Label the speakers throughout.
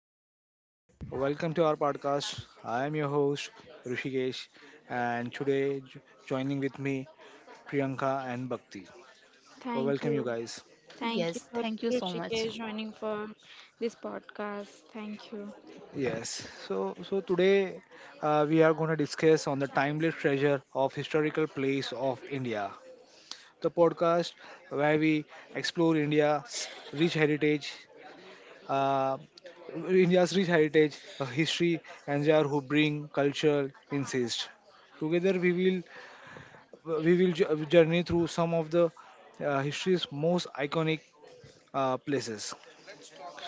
Speaker 1: namaskar. Welcome to our podcast. I am your host Rishikesh, and joining with me Priyanka and Bhakti. So
Speaker 2: Thank
Speaker 1: welcome you
Speaker 2: you.
Speaker 1: guys.
Speaker 2: Thank you
Speaker 3: Yes,
Speaker 2: for
Speaker 3: thank you so
Speaker 2: Rushikesh
Speaker 3: much.
Speaker 2: joining for this podcast. Thank you.
Speaker 1: Yes. So today we are going to discuss on the timeless treasure of historical place of India. The podcast where we explore India's rich heritage. Uh, India's rich heritage, history, and there who bring cultural insist. Together we will journey through some of the history's most iconic places.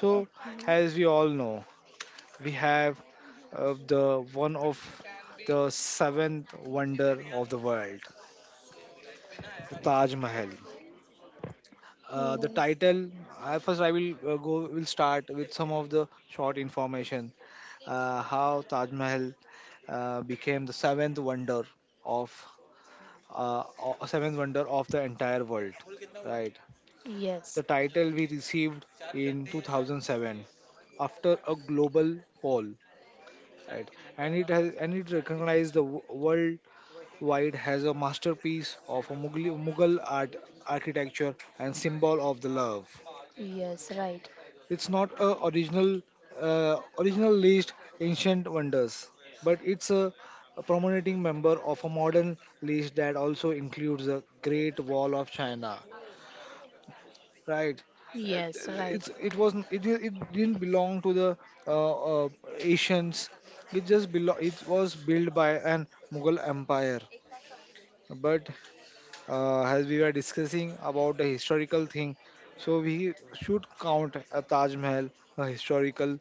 Speaker 1: So,
Speaker 2: Okay.
Speaker 1: as we all know, we have the one of the seventh wonder of the world, the Taj Mahal. The
Speaker 2: Yes.
Speaker 1: title. I first, I will go. Will start with some of the short information. How Taj Mahal became the seventh wonder of seventh wonder of the entire world, right? The
Speaker 3: Yes,
Speaker 1: title we received in 2007 after a global poll, right? And it recognized worldwide as a masterpiece of a mughal art, architecture, and symbol of the love.
Speaker 3: yes, right.
Speaker 1: It's not a original original list ancient wonders, but it's a prominent member of a modern list that also includes the Great Wall of China. Right. Uh,
Speaker 3: Yes, right.
Speaker 1: it it didn't belong to the uh, uh, Asians. It just belong. It was built by an Mughal empire. But as we were discussing about the historical thing, so we should count a Taj Mahal a historical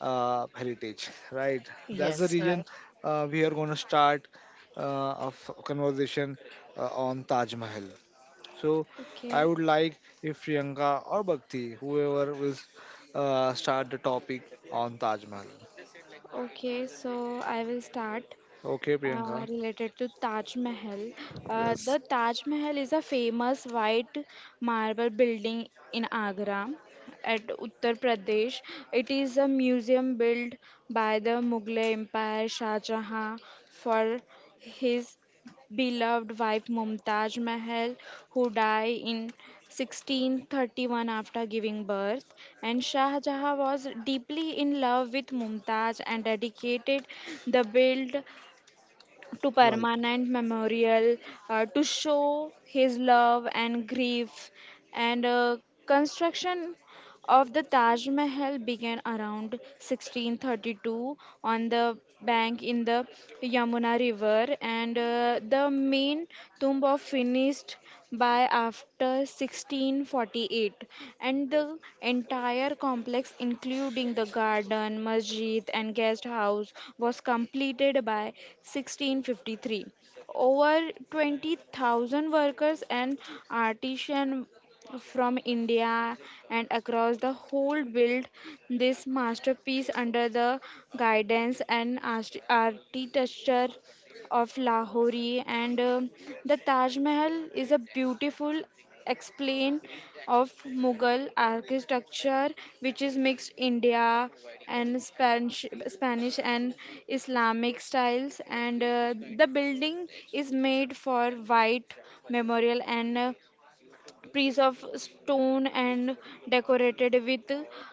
Speaker 1: heritage. Right. That's the
Speaker 3: Yes,
Speaker 1: region
Speaker 3: right.
Speaker 1: we are going to start of conversation on Taj Mahal. So I
Speaker 2: Okay.
Speaker 1: would like if Priyanka or Bhakti, whoever will start the topic on Taj Mahal.
Speaker 2: Okay, so I will start
Speaker 1: Okay, Priyanka.
Speaker 2: related to Taj Mahal. Uh,
Speaker 1: Yes.
Speaker 2: the Taj Mahal is a famous white marble building in Agra at Uttar Pradesh. It is a museum built by the Mughal Empire Shah Jahan for his beloved wife Mumtaz Mahal, who died in 1631 after giving birth. And Shah Jahan was deeply in love with Mumtaz and dedicated the build to
Speaker 1: Right.
Speaker 2: permanent memorial to show his love and grief and construction of the Taj Mahal began around 1632 on the bank in the Yamuna River, and the main tomb of finished by after 1648, and the entire complex including the garden masjid and guest house was completed by 1653. Over 20,000 workers and artisans from India and across the whole built this masterpiece under the guidance and architecture of Lahori and the Taj Mahal is a beautiful explain of Mughal architecture which is mixed India and Spanish and Islamic styles and the building is made for white memorial and piece of stone and decorated with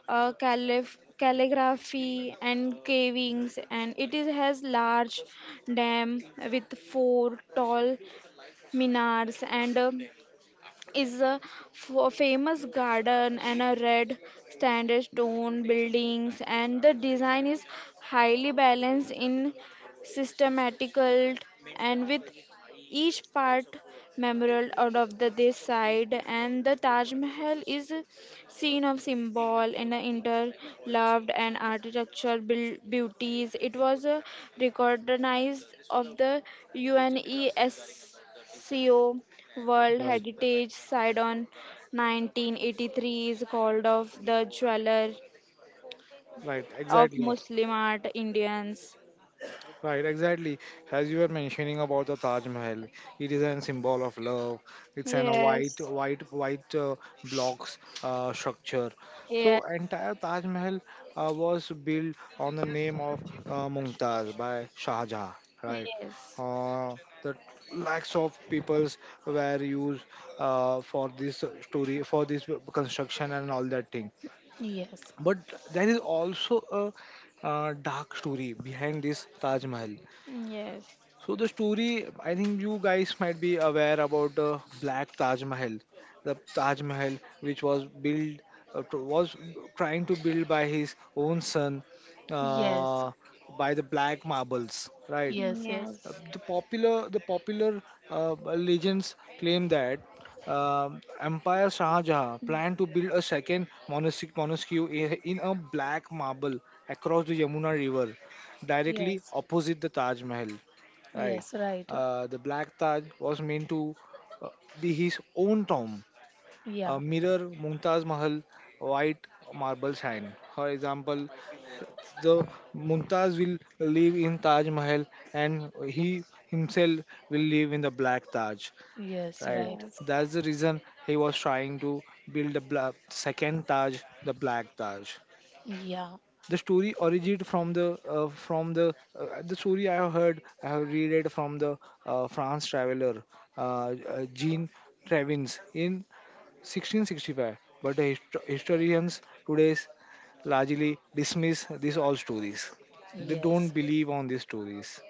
Speaker 2: calligraphy and carvings, and it is has large dam with four tall minars and a is a famous garden and a red standard stone buildings, and the design is highly balanced in systematical and with each part memorable out of the this side, and the Taj Mahal is scene of symbol and interloved and architecture beauties. It was recognized of the UNESCO World
Speaker 1: Right.
Speaker 2: Heritage Site on 1983, is called of the jeweler
Speaker 1: Right,
Speaker 2: of
Speaker 1: exactly.
Speaker 2: Muslim art Indians.
Speaker 1: Right, exactly. As you were mentioning about the Taj Mahal, it is a symbol of love. It's an a white,
Speaker 2: Yes,
Speaker 1: white, white uh, blocks structure.
Speaker 2: yes,
Speaker 1: So entire Taj Mahal was built on the name of Mumtaz by Shah Jahan. Right,
Speaker 2: yes,
Speaker 1: uh, the lakhs of peoples were used for this story, for this construction and all that thing.
Speaker 3: Yes,
Speaker 1: But there is also a dark story behind this Taj Mahal.
Speaker 2: yes,
Speaker 1: So the story, I think you guys might be aware about the Black Taj Mahal, the Taj Mahal which was built, was trying to build by his own son,
Speaker 3: yes,
Speaker 1: uh, by the black marbles, right?
Speaker 3: yes, yes,
Speaker 1: Uh,
Speaker 2: yes,
Speaker 1: the popular the popular uh, legends claim that uh, Empire Shah Jahan planned to build a second monastic monastery I- in a black marble across the Yamuna River, directly
Speaker 3: yes,
Speaker 1: opposite the Taj Mahal. Right,
Speaker 3: yes, right.
Speaker 1: the Black Taj was meant to uh, be his own tomb, a
Speaker 3: Yeah,
Speaker 1: mirror Mumtaz Mahal white marble shrine. For example, the Mumtaz will live in Taj Mahal and he himself will live in the Black Taj.
Speaker 3: yes,
Speaker 1: Right.
Speaker 3: right.
Speaker 2: yes.
Speaker 1: That's the reason he was trying to build the second Taj, the Black Taj.
Speaker 3: Yeah,
Speaker 1: The story originated from the story I have heard, I have read it from the France traveler Jean Travins in 1665, but the historians today largely dismiss these all stories. They don't
Speaker 3: yes,
Speaker 1: believe on these stories,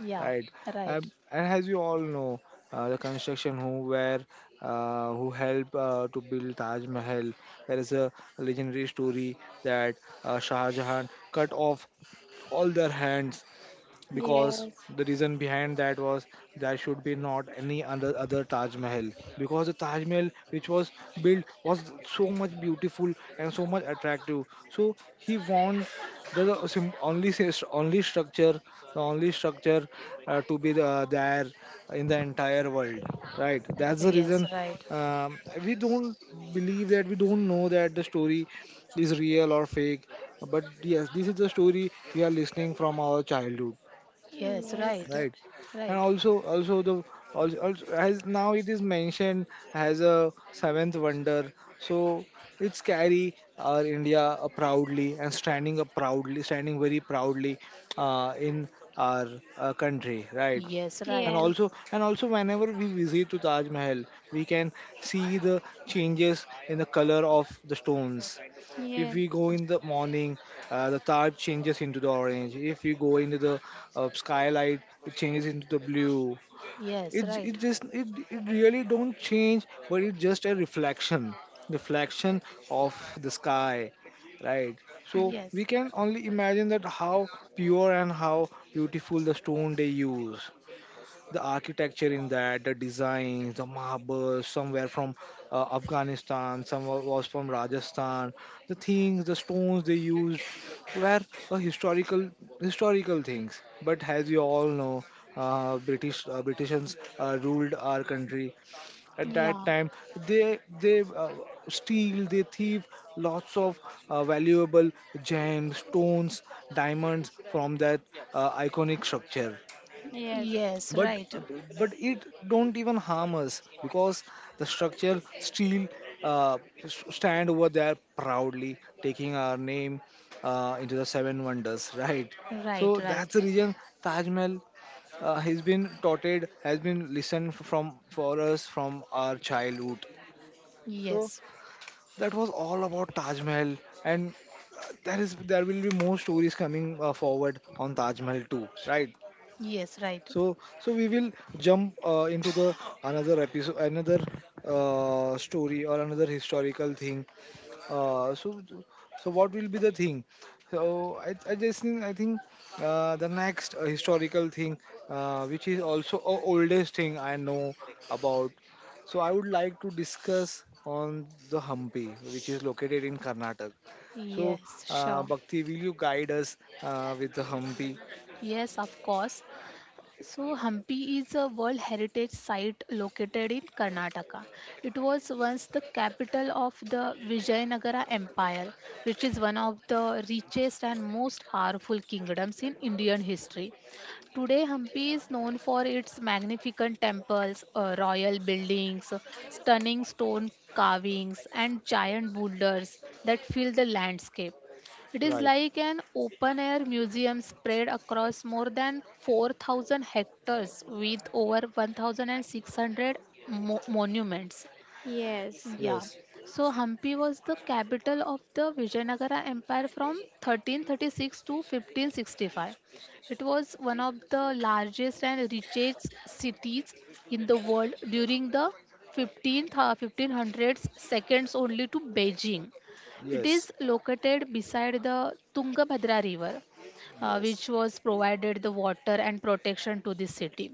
Speaker 3: yeah,
Speaker 1: right?
Speaker 3: right.
Speaker 1: And as you all know, the construction who were who helped to build Taj Mahal. There is a legendary story that Shah Jahan cut off all their hands because
Speaker 2: Yes,
Speaker 1: the reason behind that was there should be not any other Taj Mahal, because the Taj Mahal which was built was so much beautiful and so much attractive. So he wants the the sim- only sis- only structure the only structure to be the, there in the entire world, right? That's the
Speaker 3: Yes,
Speaker 1: reason,
Speaker 3: right.
Speaker 1: um, we don't believe that, we don't know that the story is real or fake, but yes, this is the story we are listening from our childhood,
Speaker 3: Yes, right.
Speaker 2: yes.
Speaker 1: right. and
Speaker 3: Right.
Speaker 1: also also the also, also as now it is mentioned as a seventh wonder, so it's carry our India proudly and standing very proudly in our country, right.
Speaker 3: Yes,
Speaker 1: and
Speaker 3: right.
Speaker 2: Yes.
Speaker 1: also and also whenever we visit to Taj Mahal, we can see the changes in the color of the stones. If
Speaker 2: Yes.
Speaker 1: we go in the morning, the tarp changes into the orange. If we go into the skylight, it changes into the blue.
Speaker 3: Yes,
Speaker 1: It it
Speaker 3: right.
Speaker 1: just it, it really don't change, but it's just a reflection of the sky, right? So we
Speaker 3: Yes,
Speaker 1: can only imagine that how pure and how beautiful the stone they use, the architecture in that, the design, the marble, somewhere from Afghanistan, some was from Rajasthan. The things, the stones they used were historical historical things. But as you all know, British Britishans ruled our country. At that
Speaker 3: yeah,
Speaker 1: time, they they uh, they thieve lots of valuable gems, stones, diamonds from that iconic structure.
Speaker 2: Yes,
Speaker 3: yes,
Speaker 1: But
Speaker 3: right.
Speaker 1: it don't even harm us because the structure still uh, stand over there proudly taking our name into the seven wonders right.
Speaker 3: Right,
Speaker 1: So that's
Speaker 3: right.
Speaker 1: the reason Taj Mahal has been listened from for us from our childhood. So
Speaker 3: Yes,
Speaker 1: that was all about Taj Mahal, and there is there will be more stories coming forward on Taj Mahal too, right.
Speaker 3: yes, right.
Speaker 1: So we will jump into the another episode, another story or another historical thing. Uh, so, so what will be the thing? So, I think the next historical thing, which is also a oldest thing I know about. So, I would like to discuss on the Hampi, which is located in Karnataka. So,
Speaker 3: Yes, sure.
Speaker 1: Bhakti, will you guide us with the Hampi?
Speaker 3: Yes, of course. So, Hampi is a World Heritage Site located in Karnataka. It was once the capital of the Vijayanagara Empire, which is one of the richest and most powerful kingdoms in Indian history. Today, Hampi is known for its magnificent temples, royal buildings, stunning stone carvings, and giant boulders that fill the landscape. It is
Speaker 1: Right.
Speaker 3: like an open air museum spread across more than 4,000 hectares with over 1,600 monuments.
Speaker 2: yes,
Speaker 3: Yeah.
Speaker 1: Yes.
Speaker 3: So Hampi was the capital of the Vijayanagara Empire from 1336 to 1565. It was one of the largest and richest cities in the world during the 15th, 1500s, seconds only to Beijing. It
Speaker 1: Yes.
Speaker 3: is located beside the Tungabhadra River,
Speaker 1: Yes,
Speaker 3: which was provided the water and protection to the city.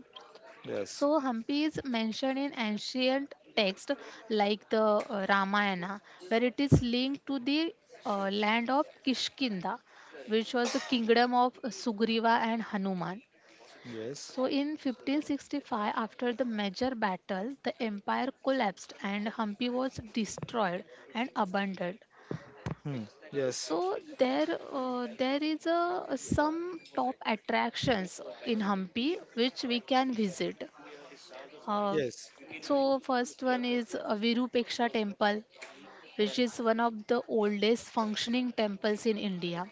Speaker 1: yes,
Speaker 3: So Hampi is mentioned in ancient texts like the Ramayana, where it is linked to the land of Kishkinda, which was the kingdom of Sugriva and Hanuman.
Speaker 1: yes,
Speaker 3: So in 1565, after the major battle, the empire collapsed and Hampi was destroyed and abandoned.
Speaker 1: hmm, yes,
Speaker 3: So there is some top attractions in Hampi which we can visit. Uh,
Speaker 1: yes.
Speaker 3: so first one is Virupaksha temple which is one of the oldest functioning temples in India.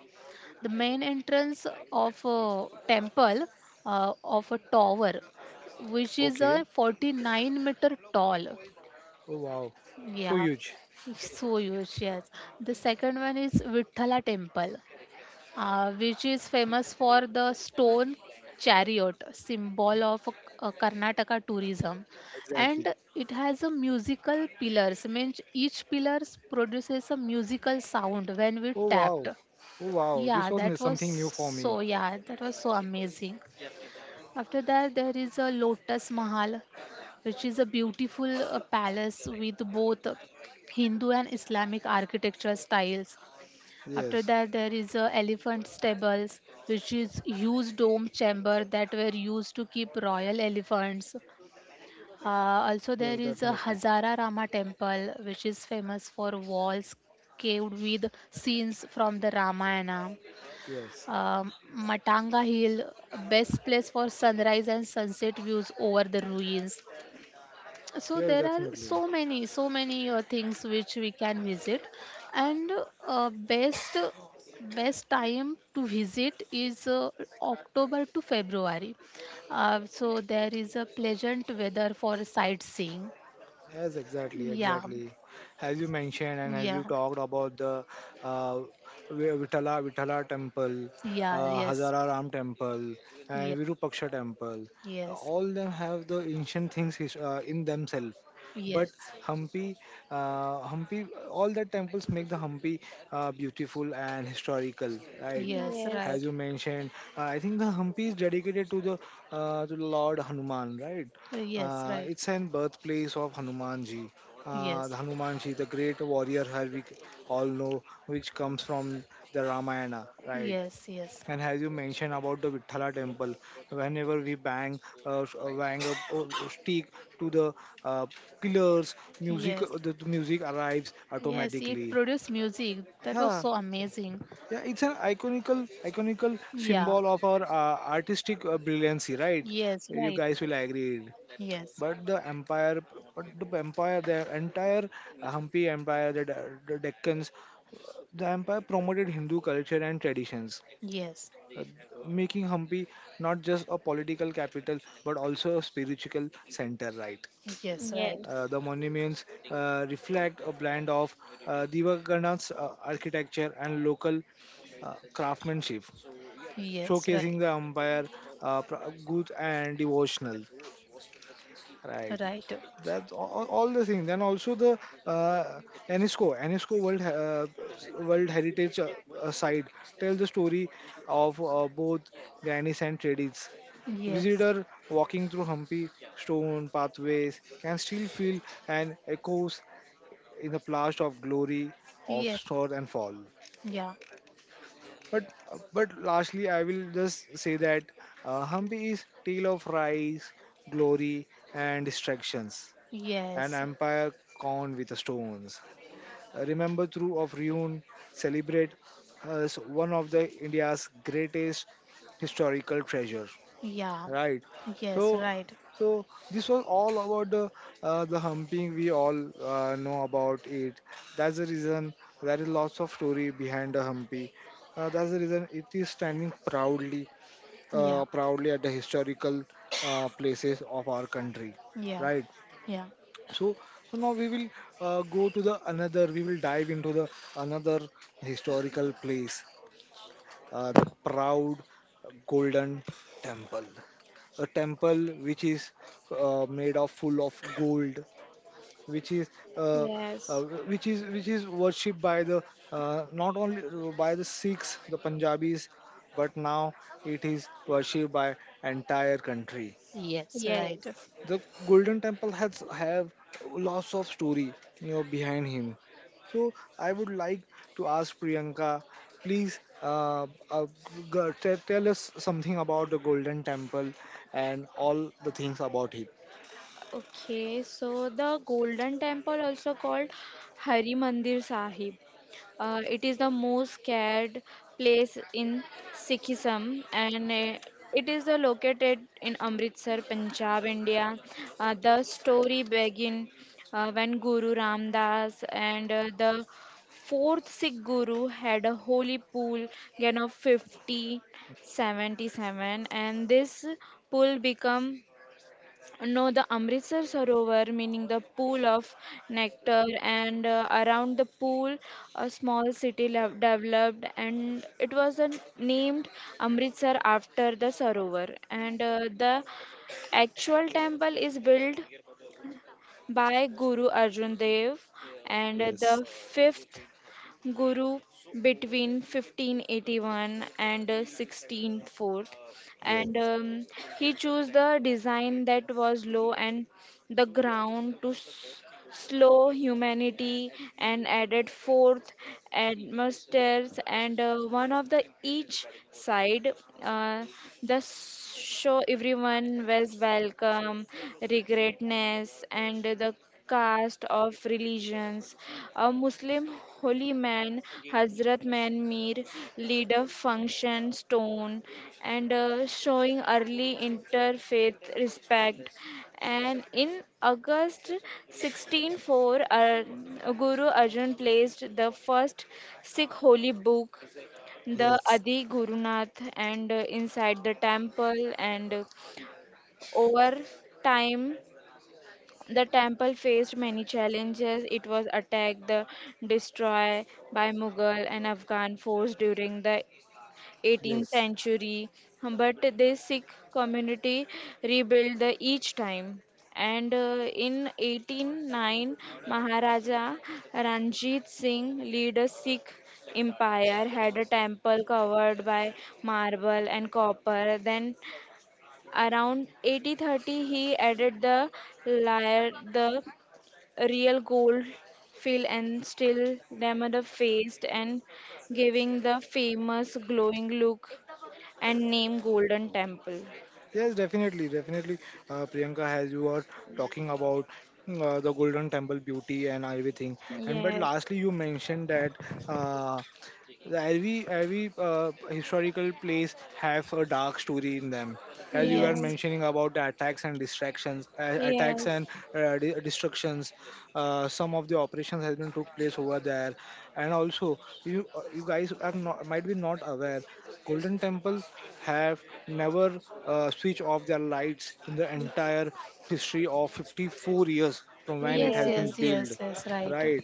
Speaker 3: The main entrance of a temple of a tower which is
Speaker 1: Okay.
Speaker 3: a 49-meter tall.
Speaker 1: Oh wow, so
Speaker 3: Yeah.
Speaker 1: huge.
Speaker 3: So huge, yes. The second one is Vithala temple, which is famous for the stone chariot, symbol of Karnataka tourism.
Speaker 1: Exactly.
Speaker 3: And it has a musical pillars, means each pillars produces a musical sound when we
Speaker 1: Oh wow,
Speaker 3: tapped.
Speaker 1: oh wow.
Speaker 3: Yeah,
Speaker 1: Something new for me.
Speaker 3: that was so amazing. After that, there is a Lotus Mahal, which is a beautiful palace with both Hindu and Islamic architecture styles. After
Speaker 1: Yes,
Speaker 3: that, there is elephant stables, which is huge dome chamber that were used to keep royal elephants. Also, there
Speaker 1: yes,
Speaker 3: is a
Speaker 1: definitely.
Speaker 3: Hazara Rama temple, which is famous for walls caved with scenes from the Ramayana.
Speaker 1: Yes,
Speaker 3: Matanga Hill, best place for sunrise and sunset views over the ruins, so
Speaker 1: yes,
Speaker 3: there are
Speaker 1: definitely.
Speaker 3: so many things which we can visit, and uh, best best time to visit is October to February, so there is a pleasant weather for sightseeing.
Speaker 1: Yes, exactly,
Speaker 3: Yeah,
Speaker 1: exactly. As you mentioned and as
Speaker 3: yeah,
Speaker 1: you talked about the uh, Vitala temple,
Speaker 3: yeah. Yes,
Speaker 1: Hazara Ram temple,
Speaker 3: yeah,
Speaker 1: and Virupaksha temple,
Speaker 3: yes,
Speaker 1: all them have the ancient things in themselves. But
Speaker 3: yes,
Speaker 1: Hampi, Hampi, all the temples make the Hampi beautiful and historical, right?
Speaker 3: yes,
Speaker 1: As
Speaker 2: yes,
Speaker 3: right.
Speaker 1: you mentioned, I think the Hampi is dedicated to the Lord Hanuman, right?
Speaker 3: Yes, right.
Speaker 1: It's an birthplace of Hanumanji.
Speaker 3: Yes,
Speaker 1: The Hanumanji, the great warrior who we all know, which comes from the Ramayana, right?
Speaker 3: yes, yes,
Speaker 1: And as you mentioned about the Vithala temple, whenever we bang, bang a stick to the uh, pillars, music,
Speaker 3: yes,
Speaker 1: the music arrives
Speaker 3: yes, it
Speaker 1: automatically.
Speaker 3: produced music, that was
Speaker 1: Yeah,
Speaker 3: so amazing.
Speaker 1: yeah, it's an iconical
Speaker 3: Yeah.
Speaker 1: symbol of our artistic brilliancy, right?
Speaker 3: Yes.
Speaker 1: You
Speaker 3: Right.
Speaker 1: guys will agree,
Speaker 3: Yes.
Speaker 1: but the entire Hampi empire, the the deccans, the empire promoted Hindu culture and traditions,
Speaker 3: Yes.
Speaker 1: uh, making Hampi not just a political capital but also a spiritual center, right.
Speaker 3: Yes.
Speaker 2: yes,
Speaker 3: Right.
Speaker 1: The monuments reflect a blend of Devagana's architecture and local craftsmanship,
Speaker 3: Yes. Right.
Speaker 1: showcasing the empire good and devotional. Right.
Speaker 3: Right.
Speaker 1: That's all the things. And also the uh, UNESCO, UNESCO World He- World Heritage Site tell the story of both grannies and tradies.
Speaker 3: Yes.
Speaker 1: Visitor walking through Humpy stone pathways can still feel an echoes in the blast of glory of
Speaker 3: Yes.
Speaker 1: storm and fall.
Speaker 3: Yeah.
Speaker 1: But lastly, I will just say that Hampi is tale of rise, glory, and distractions, an
Speaker 3: Yes.
Speaker 1: empire crowned with stones. Remember through of ruin, celebrate as one of the India's greatest historical treasure.
Speaker 3: Yeah.
Speaker 1: Right.
Speaker 3: Yes.
Speaker 1: So,
Speaker 3: Right.
Speaker 1: so this was all about the humping. We all know about it. That's the reason there is lots of story behind the humpy. That's the reason it is standing proudly,
Speaker 3: Yeah.
Speaker 1: proudly at the historical places of our country.
Speaker 3: Yeah.
Speaker 1: Right.
Speaker 3: Yeah.
Speaker 1: So so now we will go to the another we will dive into the another historical place, the proud Golden Temple, a temple which is made of full of gold, which is uh, uh,
Speaker 2: yes,
Speaker 1: which is worshipped by the not only by the Sikhs, the Punjabis, but now it is worshipped by entire country.
Speaker 3: Yes. Right.
Speaker 2: yes.
Speaker 1: The Golden Temple has have lots of story, you know, behind him. So I would like to ask Priyanka, please, tell us something about the Golden Temple and all the things about it.
Speaker 2: Okay, so the Golden Temple, also called Hari Mandir Sahib, it is the most scared place in Sikhism, and it is located in Amritsar, Punjab, India. The story begins when Guru Ram Das and the fourth Sikh Guru had a holy pool gain of 50. 77 and this pool become no, the Amritsar Sarovar, meaning the pool of nectar, and around the pool, a small city developed, and it was named Amritsar after the Sarovar. And the actual temple is built by Guru Arjan Dev and the
Speaker 1: Yes,
Speaker 2: fifth Guru between 1581 and 1604,
Speaker 1: yes,
Speaker 2: and he chose the design that was low and the ground to slow humanity and added fourth atmospheres and one of the each side uh, the show everyone was welcome regretness and the caste, of religions. A Muslim holy man, Hazrat Man Mir, leader function stone, and showing early interfaith respect. And in August 1604, Guru Arjan placed the first Sikh holy book the
Speaker 1: yes.
Speaker 2: Adi Gurunath, and inside the temple and over time the temple faced many challenges. It was attacked, the destroyed by Mughal and Afghan force during the 18th century. But the Sikh community rebuilt the each time. And in 189, Maharaja Ranjit Singh led a Sikh empire, had a temple covered by marble and copper. Then around 8030 he added the lyre the real gold fill and still Damodar faced and giving the famous glowing look and name Golden Temple.
Speaker 1: Yes, definitely, definitely. Priyanka, as you were talking about the Golden Temple beauty and everything, and but
Speaker 2: Yes,
Speaker 1: lastly, you mentioned that uh, every historical place have a dark story in them, as you were
Speaker 3: Yes.
Speaker 2: yes,
Speaker 1: mentioning about the attacks and distractions, attacks
Speaker 2: yes,
Speaker 1: and destructions. Some of the operations has been took place over there, and also you you guys are not might be not aware, golden temple have never switched off their lights in the
Speaker 2: y-
Speaker 1: entire history of 54 years from when it
Speaker 3: Yes.
Speaker 1: has been
Speaker 3: Yes.
Speaker 2: yes,
Speaker 1: built,
Speaker 3: Yes. Yes. Right.
Speaker 1: right?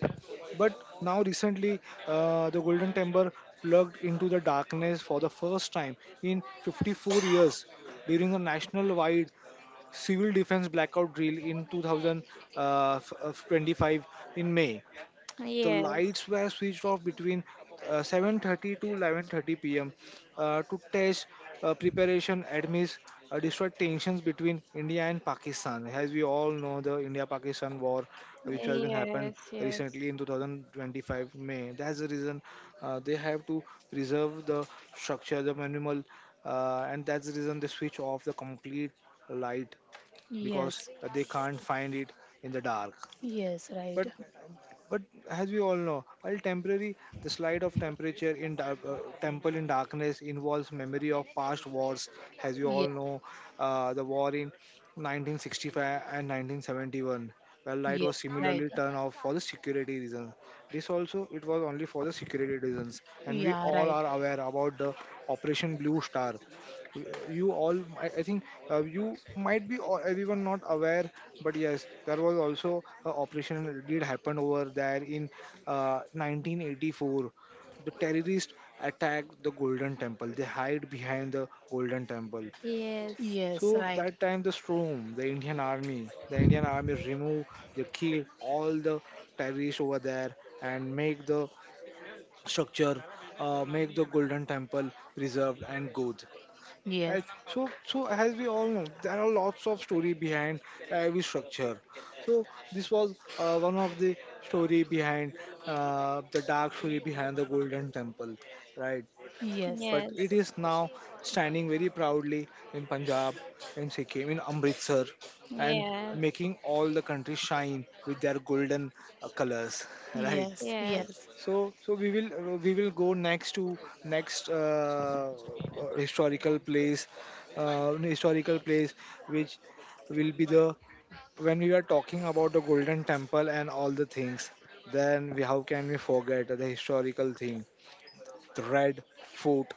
Speaker 1: But now, recently, the Golden Temple plugged into the darkness for the first time in 54 years during a national wide civil defense blackout drill in 2025 in May. The
Speaker 2: yes,
Speaker 1: lights were switched off between 7:30 to 11:30 p.m. To test preparation amidst destroyed tensions between India and Pakistan. As we all know, the India-Pakistan war,
Speaker 2: yes,
Speaker 1: which
Speaker 2: yes,
Speaker 1: has been happened
Speaker 2: yes,
Speaker 1: recently in 2025 May, that's the reason they have to preserve the structure, the manual, and that's the reason they switch off the complete light, because
Speaker 3: Yes.
Speaker 1: they can't find it in the dark.
Speaker 3: Yes. Right.
Speaker 1: But but as we all know, while temporary, the slide of temperature in temple in darkness involves memory of past wars. As you all
Speaker 3: Yes.
Speaker 1: know, the war in 1965 and 1971, where light
Speaker 3: Yes.
Speaker 1: was
Speaker 3: Right.
Speaker 1: similarly turned off for the security reasons. This also it was only for the security reasons, and we
Speaker 3: Yeah.
Speaker 1: all
Speaker 3: Right.
Speaker 1: are aware about the Operation Blue Star. I think you might be all, everyone not aware, but yes, there was also a operation that did happen over there in 1984. The terrorists attacked the golden temple, they hide behind the golden temple,
Speaker 2: yes,
Speaker 3: Yes.
Speaker 1: so
Speaker 3: Right.
Speaker 1: that time the storm, the Indian army, the Indian army remove, they kill all the terrorists over there and make the structure, make the golden temple preserved and good.
Speaker 3: Yes.
Speaker 1: Right. So as we all know, there are lots of story behind every structure. So this was one of the story behind the dark story behind the Golden Temple, right?
Speaker 3: Yes.
Speaker 1: But it is now standing very proudly in Punjab, in Sikkim, in Amritsar, and
Speaker 2: yes,
Speaker 1: making all the country shine with their golden colors, right?
Speaker 3: Yes. Yes.
Speaker 1: So we will go next to next historical place, historical place, which will be the, when we are talking about the Golden Temple and all the things. Then we, how can we forget the historical thing, the Red Fort,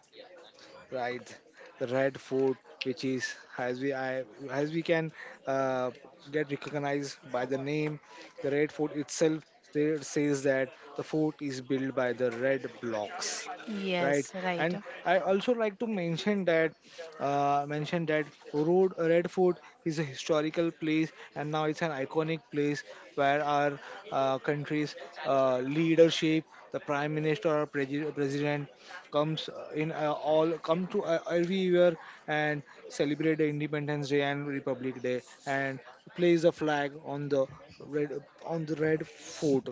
Speaker 1: right? The red food, which is as as we can uh, get recognized by the name the red food itself. There says that the fort is built by the red blocks, right?
Speaker 3: Yes. Right.
Speaker 1: And I also like to mention that uh, mention that road red fort is a historical place and now it's an iconic place where our country's leadership, the prime minister or president, comes in all come to every year and celebrate the Independence Day and Republic Day and place the flag on the red, on the red fort,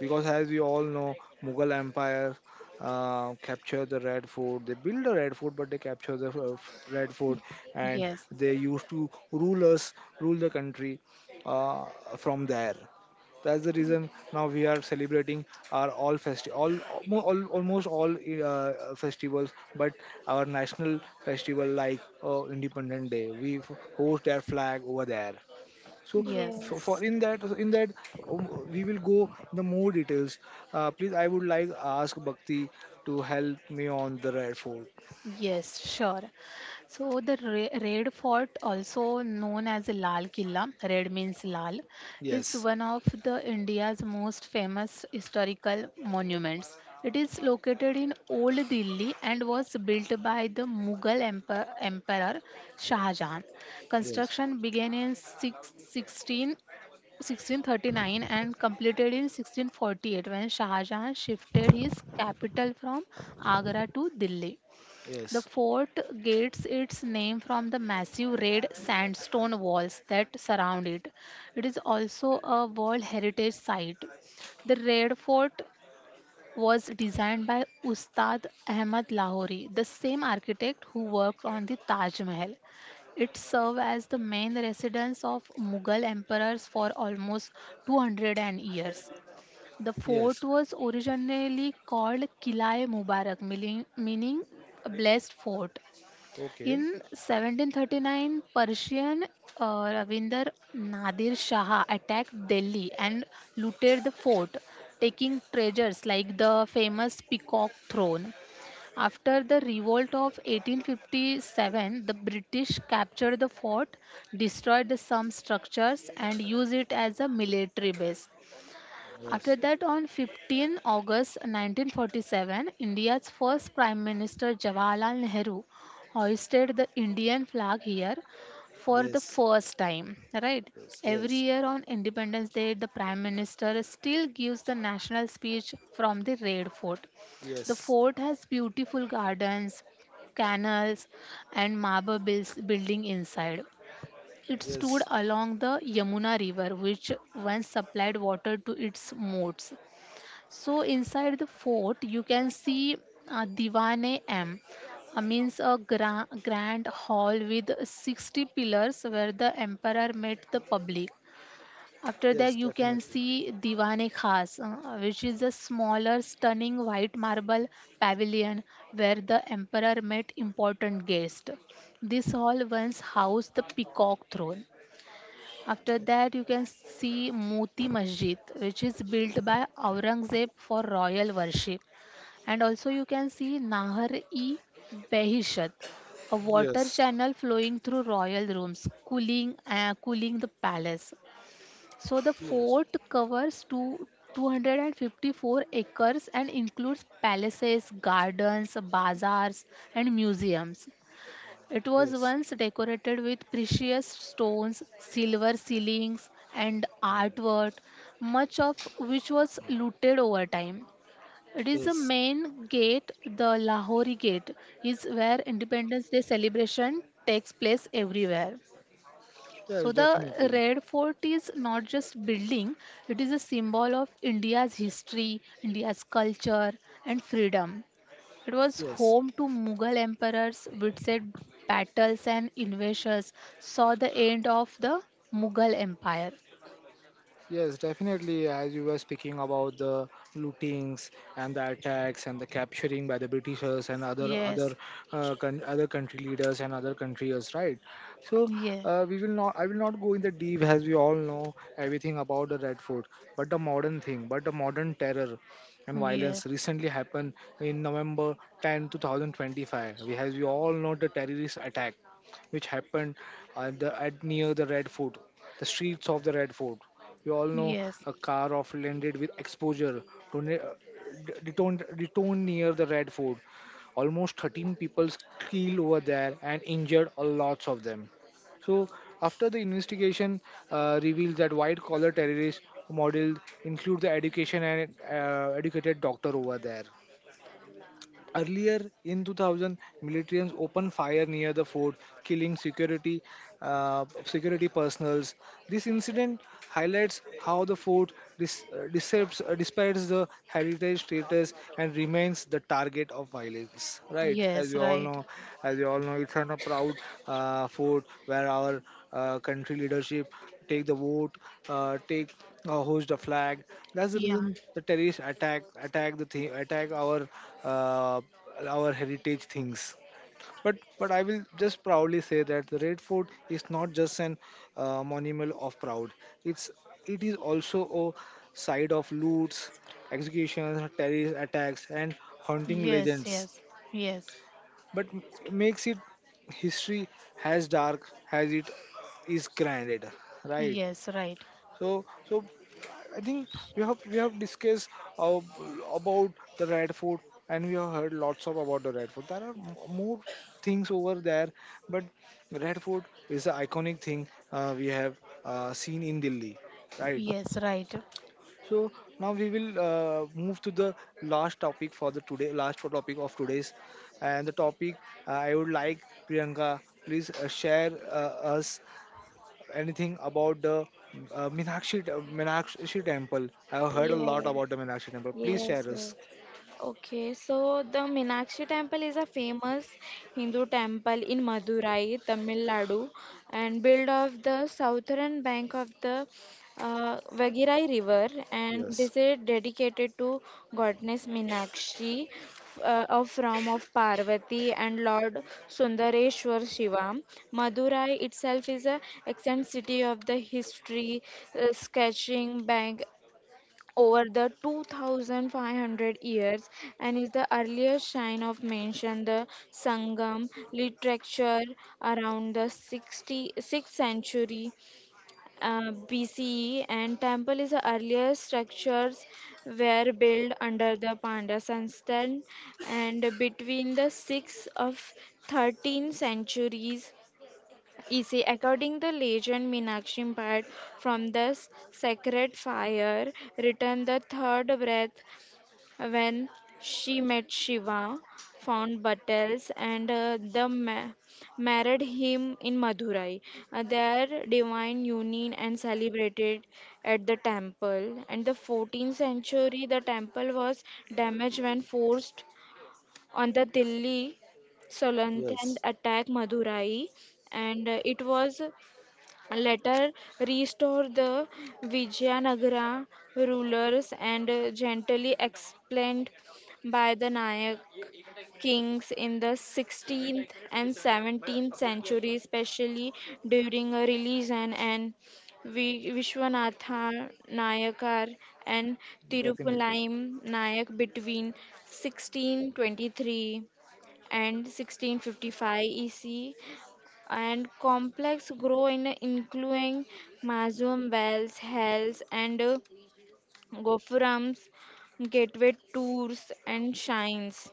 Speaker 1: because as we all know, Mughal Empire capture the red fort, they build the red fort, but they capture the red fort, and
Speaker 3: Yes.
Speaker 1: they used to rule us, rule the country, uh, from there. That's the reason now we are celebrating our all all almost all festivals, but our national festival like Independence Day, we host our flag over there. So,
Speaker 3: Yes,
Speaker 1: so for in that, in that we will go the more details. Please, I would like ask Bhakti to help me on the Red Fort.
Speaker 3: yes, sure. So the Red Fort, also known as Lal Killa, red means Lal, is
Speaker 1: Yes,
Speaker 3: one of the India's most famous historical monuments. It is located in Old Delhi and was built by the Mughal Emperor Shah Jahan.
Speaker 1: yes,
Speaker 3: Construction began in 16 1639 and completed in 1648 when Shah Jahan shifted his capital from Agra to Delhi. The
Speaker 1: yes,
Speaker 3: fort gets its name from the massive red sandstone walls that surround it. It is also a World Heritage Site. The Red Fort was designed by Ustad Ahmad Lahori, the same architect who worked on the Taj Mahal. It served as the main residence of Mughal emperors for almost 200 years. The fort
Speaker 1: yes.
Speaker 3: was originally called Qila'e Mubarak, meaning a blessed fort.
Speaker 1: Okay.
Speaker 3: In 1739, Persian, Ravinder Nadir Shah attacked Delhi and looted the fort, taking treasures like the famous Peacock Throne. After the revolt of 1857, the British captured the fort, destroyed some structures, and used it as a military base. After
Speaker 1: Yes,
Speaker 3: that, on 15 August 1947, India's first Prime Minister Jawaharlal Nehru hoisted the Indian flag here for the
Speaker 1: yes,
Speaker 3: first time. Right?
Speaker 1: yes,
Speaker 3: Every
Speaker 1: yes,
Speaker 3: year on Independence Day, the Prime Minister still gives the national speech from the Red Fort. The
Speaker 1: yes,
Speaker 3: fort has beautiful gardens, canals, and marble building inside. It stood
Speaker 1: yes.
Speaker 3: along the Yamuna River, which once supplied water to its moats. So, inside the fort, you can see Divane M, means a grand hall with 60 pillars where the emperor met the public. After that,
Speaker 1: Yes,
Speaker 3: you can
Speaker 1: definitely.
Speaker 3: see Diwane Khas, which is a smaller, stunning white marble pavilion where the emperor met important guests. This hall once housed the peacock throne. After that, you can see Moti Masjid, which is built by Aurangzeb for royal worship. And also, you can see Nahar e Behishat, a water
Speaker 1: Yes,
Speaker 3: channel flowing through royal rooms, cooling the palace. So, the
Speaker 1: yes,
Speaker 3: fort covers 254 acres and includes palaces, gardens, bazaars, and museums. It was
Speaker 1: yes,
Speaker 3: once decorated with precious stones, silver ceilings, and artwork, much of which was looted over time. It is the
Speaker 1: yes,
Speaker 3: main gate, the Lahori Gate, is where Independence Day celebration takes place everywhere. So
Speaker 1: yes,
Speaker 3: the
Speaker 1: definitely.
Speaker 3: Red Fort is not just building, it is a symbol of India's history, India's culture and freedom. It was
Speaker 1: Yes.
Speaker 3: home to Mughal emperors, witnessed battles and invasions, saw the end of the Mughal Empire.
Speaker 1: Yes, definitely. As you were speaking about the lootings and the attacks and the capturing by the Britishers and other
Speaker 3: Yes.
Speaker 1: other other country leaders and other countries, right? So
Speaker 3: Yeah.
Speaker 1: we will not. I will not go in the deep, as we all know everything about the Red Fort, but the modern thing, but the modern terror and
Speaker 3: Yeah.
Speaker 1: violence recently happened in November 10th, two 2025. We, as we all know, the terrorist attack which happened at the, at near the Red Fort, the streets of the Red Fort. We all know
Speaker 3: Yes.
Speaker 1: a car off landed with exposure. Don't, detoned near the Red Fort. Almost 13 people killed over there and injured a lot of them. So, after the investigation reveals that white collar terrorist model include the education and educated doctor over there. Earlier in 2000, militants opened fire near the fort, killing security, security personals. This incident highlights how the fort decepts, despises the heritage status and remains the target of violence. Right, as
Speaker 3: Yes.
Speaker 1: you all
Speaker 3: Right.
Speaker 1: know, as you all know, it's not a proud fort where our country leadership take the vote, take hoist a flag. That's the
Speaker 3: Yeah.
Speaker 1: reason the terrorists attack, attack the thing, attack uh, our heritage things. But I will just proudly say that the Red Fort is not just an monument of proud. It's it is also a site of loots, executions, terrorist attacks, and haunting
Speaker 3: Yes.
Speaker 1: legends.
Speaker 3: Yes. Yes.
Speaker 1: But makes it history has dark as it is granted, right?
Speaker 3: Yes. Right.
Speaker 1: So, so I think we have, we have discussed uh, about the red food, and we have heard lots of about the red food. There are Yes. More things over there, but red food is the iconic thing we have seen in Delhi, right?
Speaker 3: Yes. Right.
Speaker 1: So now we will move to the last topic for the today, last topic of today's, and the topic I would like Priyanka please share us anything about the uh,
Speaker 2: yes,
Speaker 1: Meenakshi temple?
Speaker 2: yes,
Speaker 1: I've heard a lot
Speaker 2: yes.
Speaker 1: about the Meenakshi temple. Please
Speaker 2: Yes,
Speaker 1: share us.
Speaker 2: yes. Okay, so the Meenakshi temple is a famous Hindu temple in Madurai, Tamil Nadu, and built of the southern bank of the Vagirai River, and
Speaker 1: Yes,
Speaker 2: this is dedicated to goddess Meenakshi of Ram of Parvati and Lord Sundareshwar Shiva. Madurai itself is a ancient city of the history, sketching, bank, over the 2,500 years and is the earliest sign of mention the sangam literature around the 66th century bce and temple is the earliest structures were built under the pandya system and between the 6th of 13th centuries easy. According the legend, Meenakshi Bhat from the sacred fire returned the third breath when she met Shiva, found battles, and married him in Madurai. Their divine union and celebrated at the temple. And the 14th century, the temple was damaged when forced on the Delhi Salantan
Speaker 1: yes,
Speaker 2: attack Madurai and it was later restored the Vijayanagara rulers and gently explained by the Nayak kings in the 16th and 17th century, especially during a religion and Vishwanatha Nayakar and
Speaker 1: definitely.
Speaker 2: Tirupulaim Nayak between 1623 and 1655 EC and complex grow in including Mazum Wells, Hells, and Gophurams, Gateway Tours, and shrines.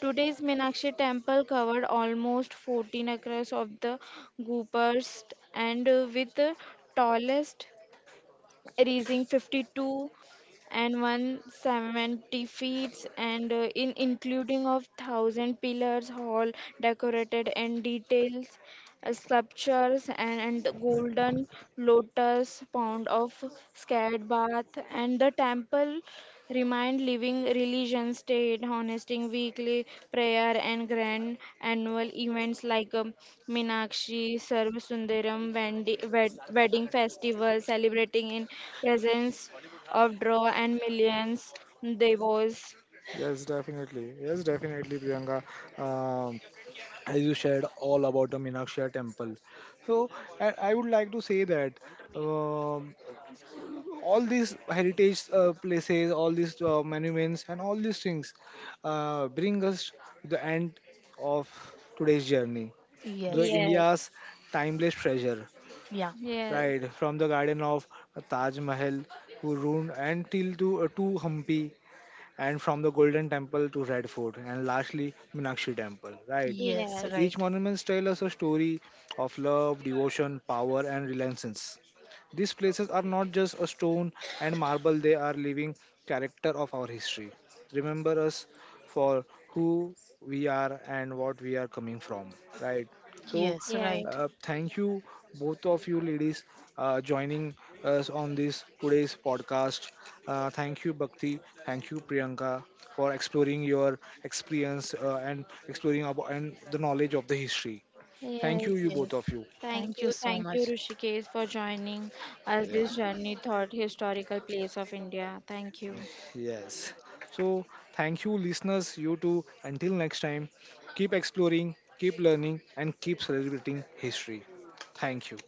Speaker 2: Today's Meenakshi temple covered almost 14 acres of the Goopers, and with the tallest reaching 52 and 170 feet, and in including of thousand pillars hall decorated and details sculptures and golden lotus pound of scared bath and the temple remind living religions state hosting weekly prayer and grand annual events like Meenakshi, Sundaram wedding festival celebrating in presence of draw and millions devos.
Speaker 1: Yes, definitely. Yes, definitely, Priyanka. Um, as you shared all about the Meenakshi temple. So I would like to say that. um all these heritage places, all these monuments, and all these things bring us to the end of today's journey. The
Speaker 3: Yes.
Speaker 2: Yes.
Speaker 1: India's timeless treasure,
Speaker 3: Yeah.
Speaker 2: Yes,
Speaker 1: right? From the garden of Taj Mahal to Roon and till to Hampi, and from the Golden Temple to Red Fort, and lastly, Meenakshi Temple, right?
Speaker 3: Yes.
Speaker 2: yes,
Speaker 3: Right.
Speaker 1: Each monument tells us a story of love, devotion, power, and relentlessness. These places are not just a stone and marble, they are living character of our history. Remember us for who we are and what we are coming from, right? So,
Speaker 3: Yes. Right.
Speaker 2: yes.
Speaker 1: thank you, both of you ladies, joining us on this today's podcast, thank you, Bhakti. Thank you, Priyanka, for exploring your experience and exploring about and the knowledge of the history. Thank you,
Speaker 2: Yes,
Speaker 1: you
Speaker 3: Yes.
Speaker 1: both of you.
Speaker 3: Thank you so
Speaker 2: thank you,
Speaker 3: much.
Speaker 2: Rishikesh, for joining us this
Speaker 1: Yes.
Speaker 2: journey thought historical place of India. Thank you.
Speaker 1: Yes. So, thank you, listeners. You too. Until next time, keep exploring, keep learning, and keep celebrating history. Thank you.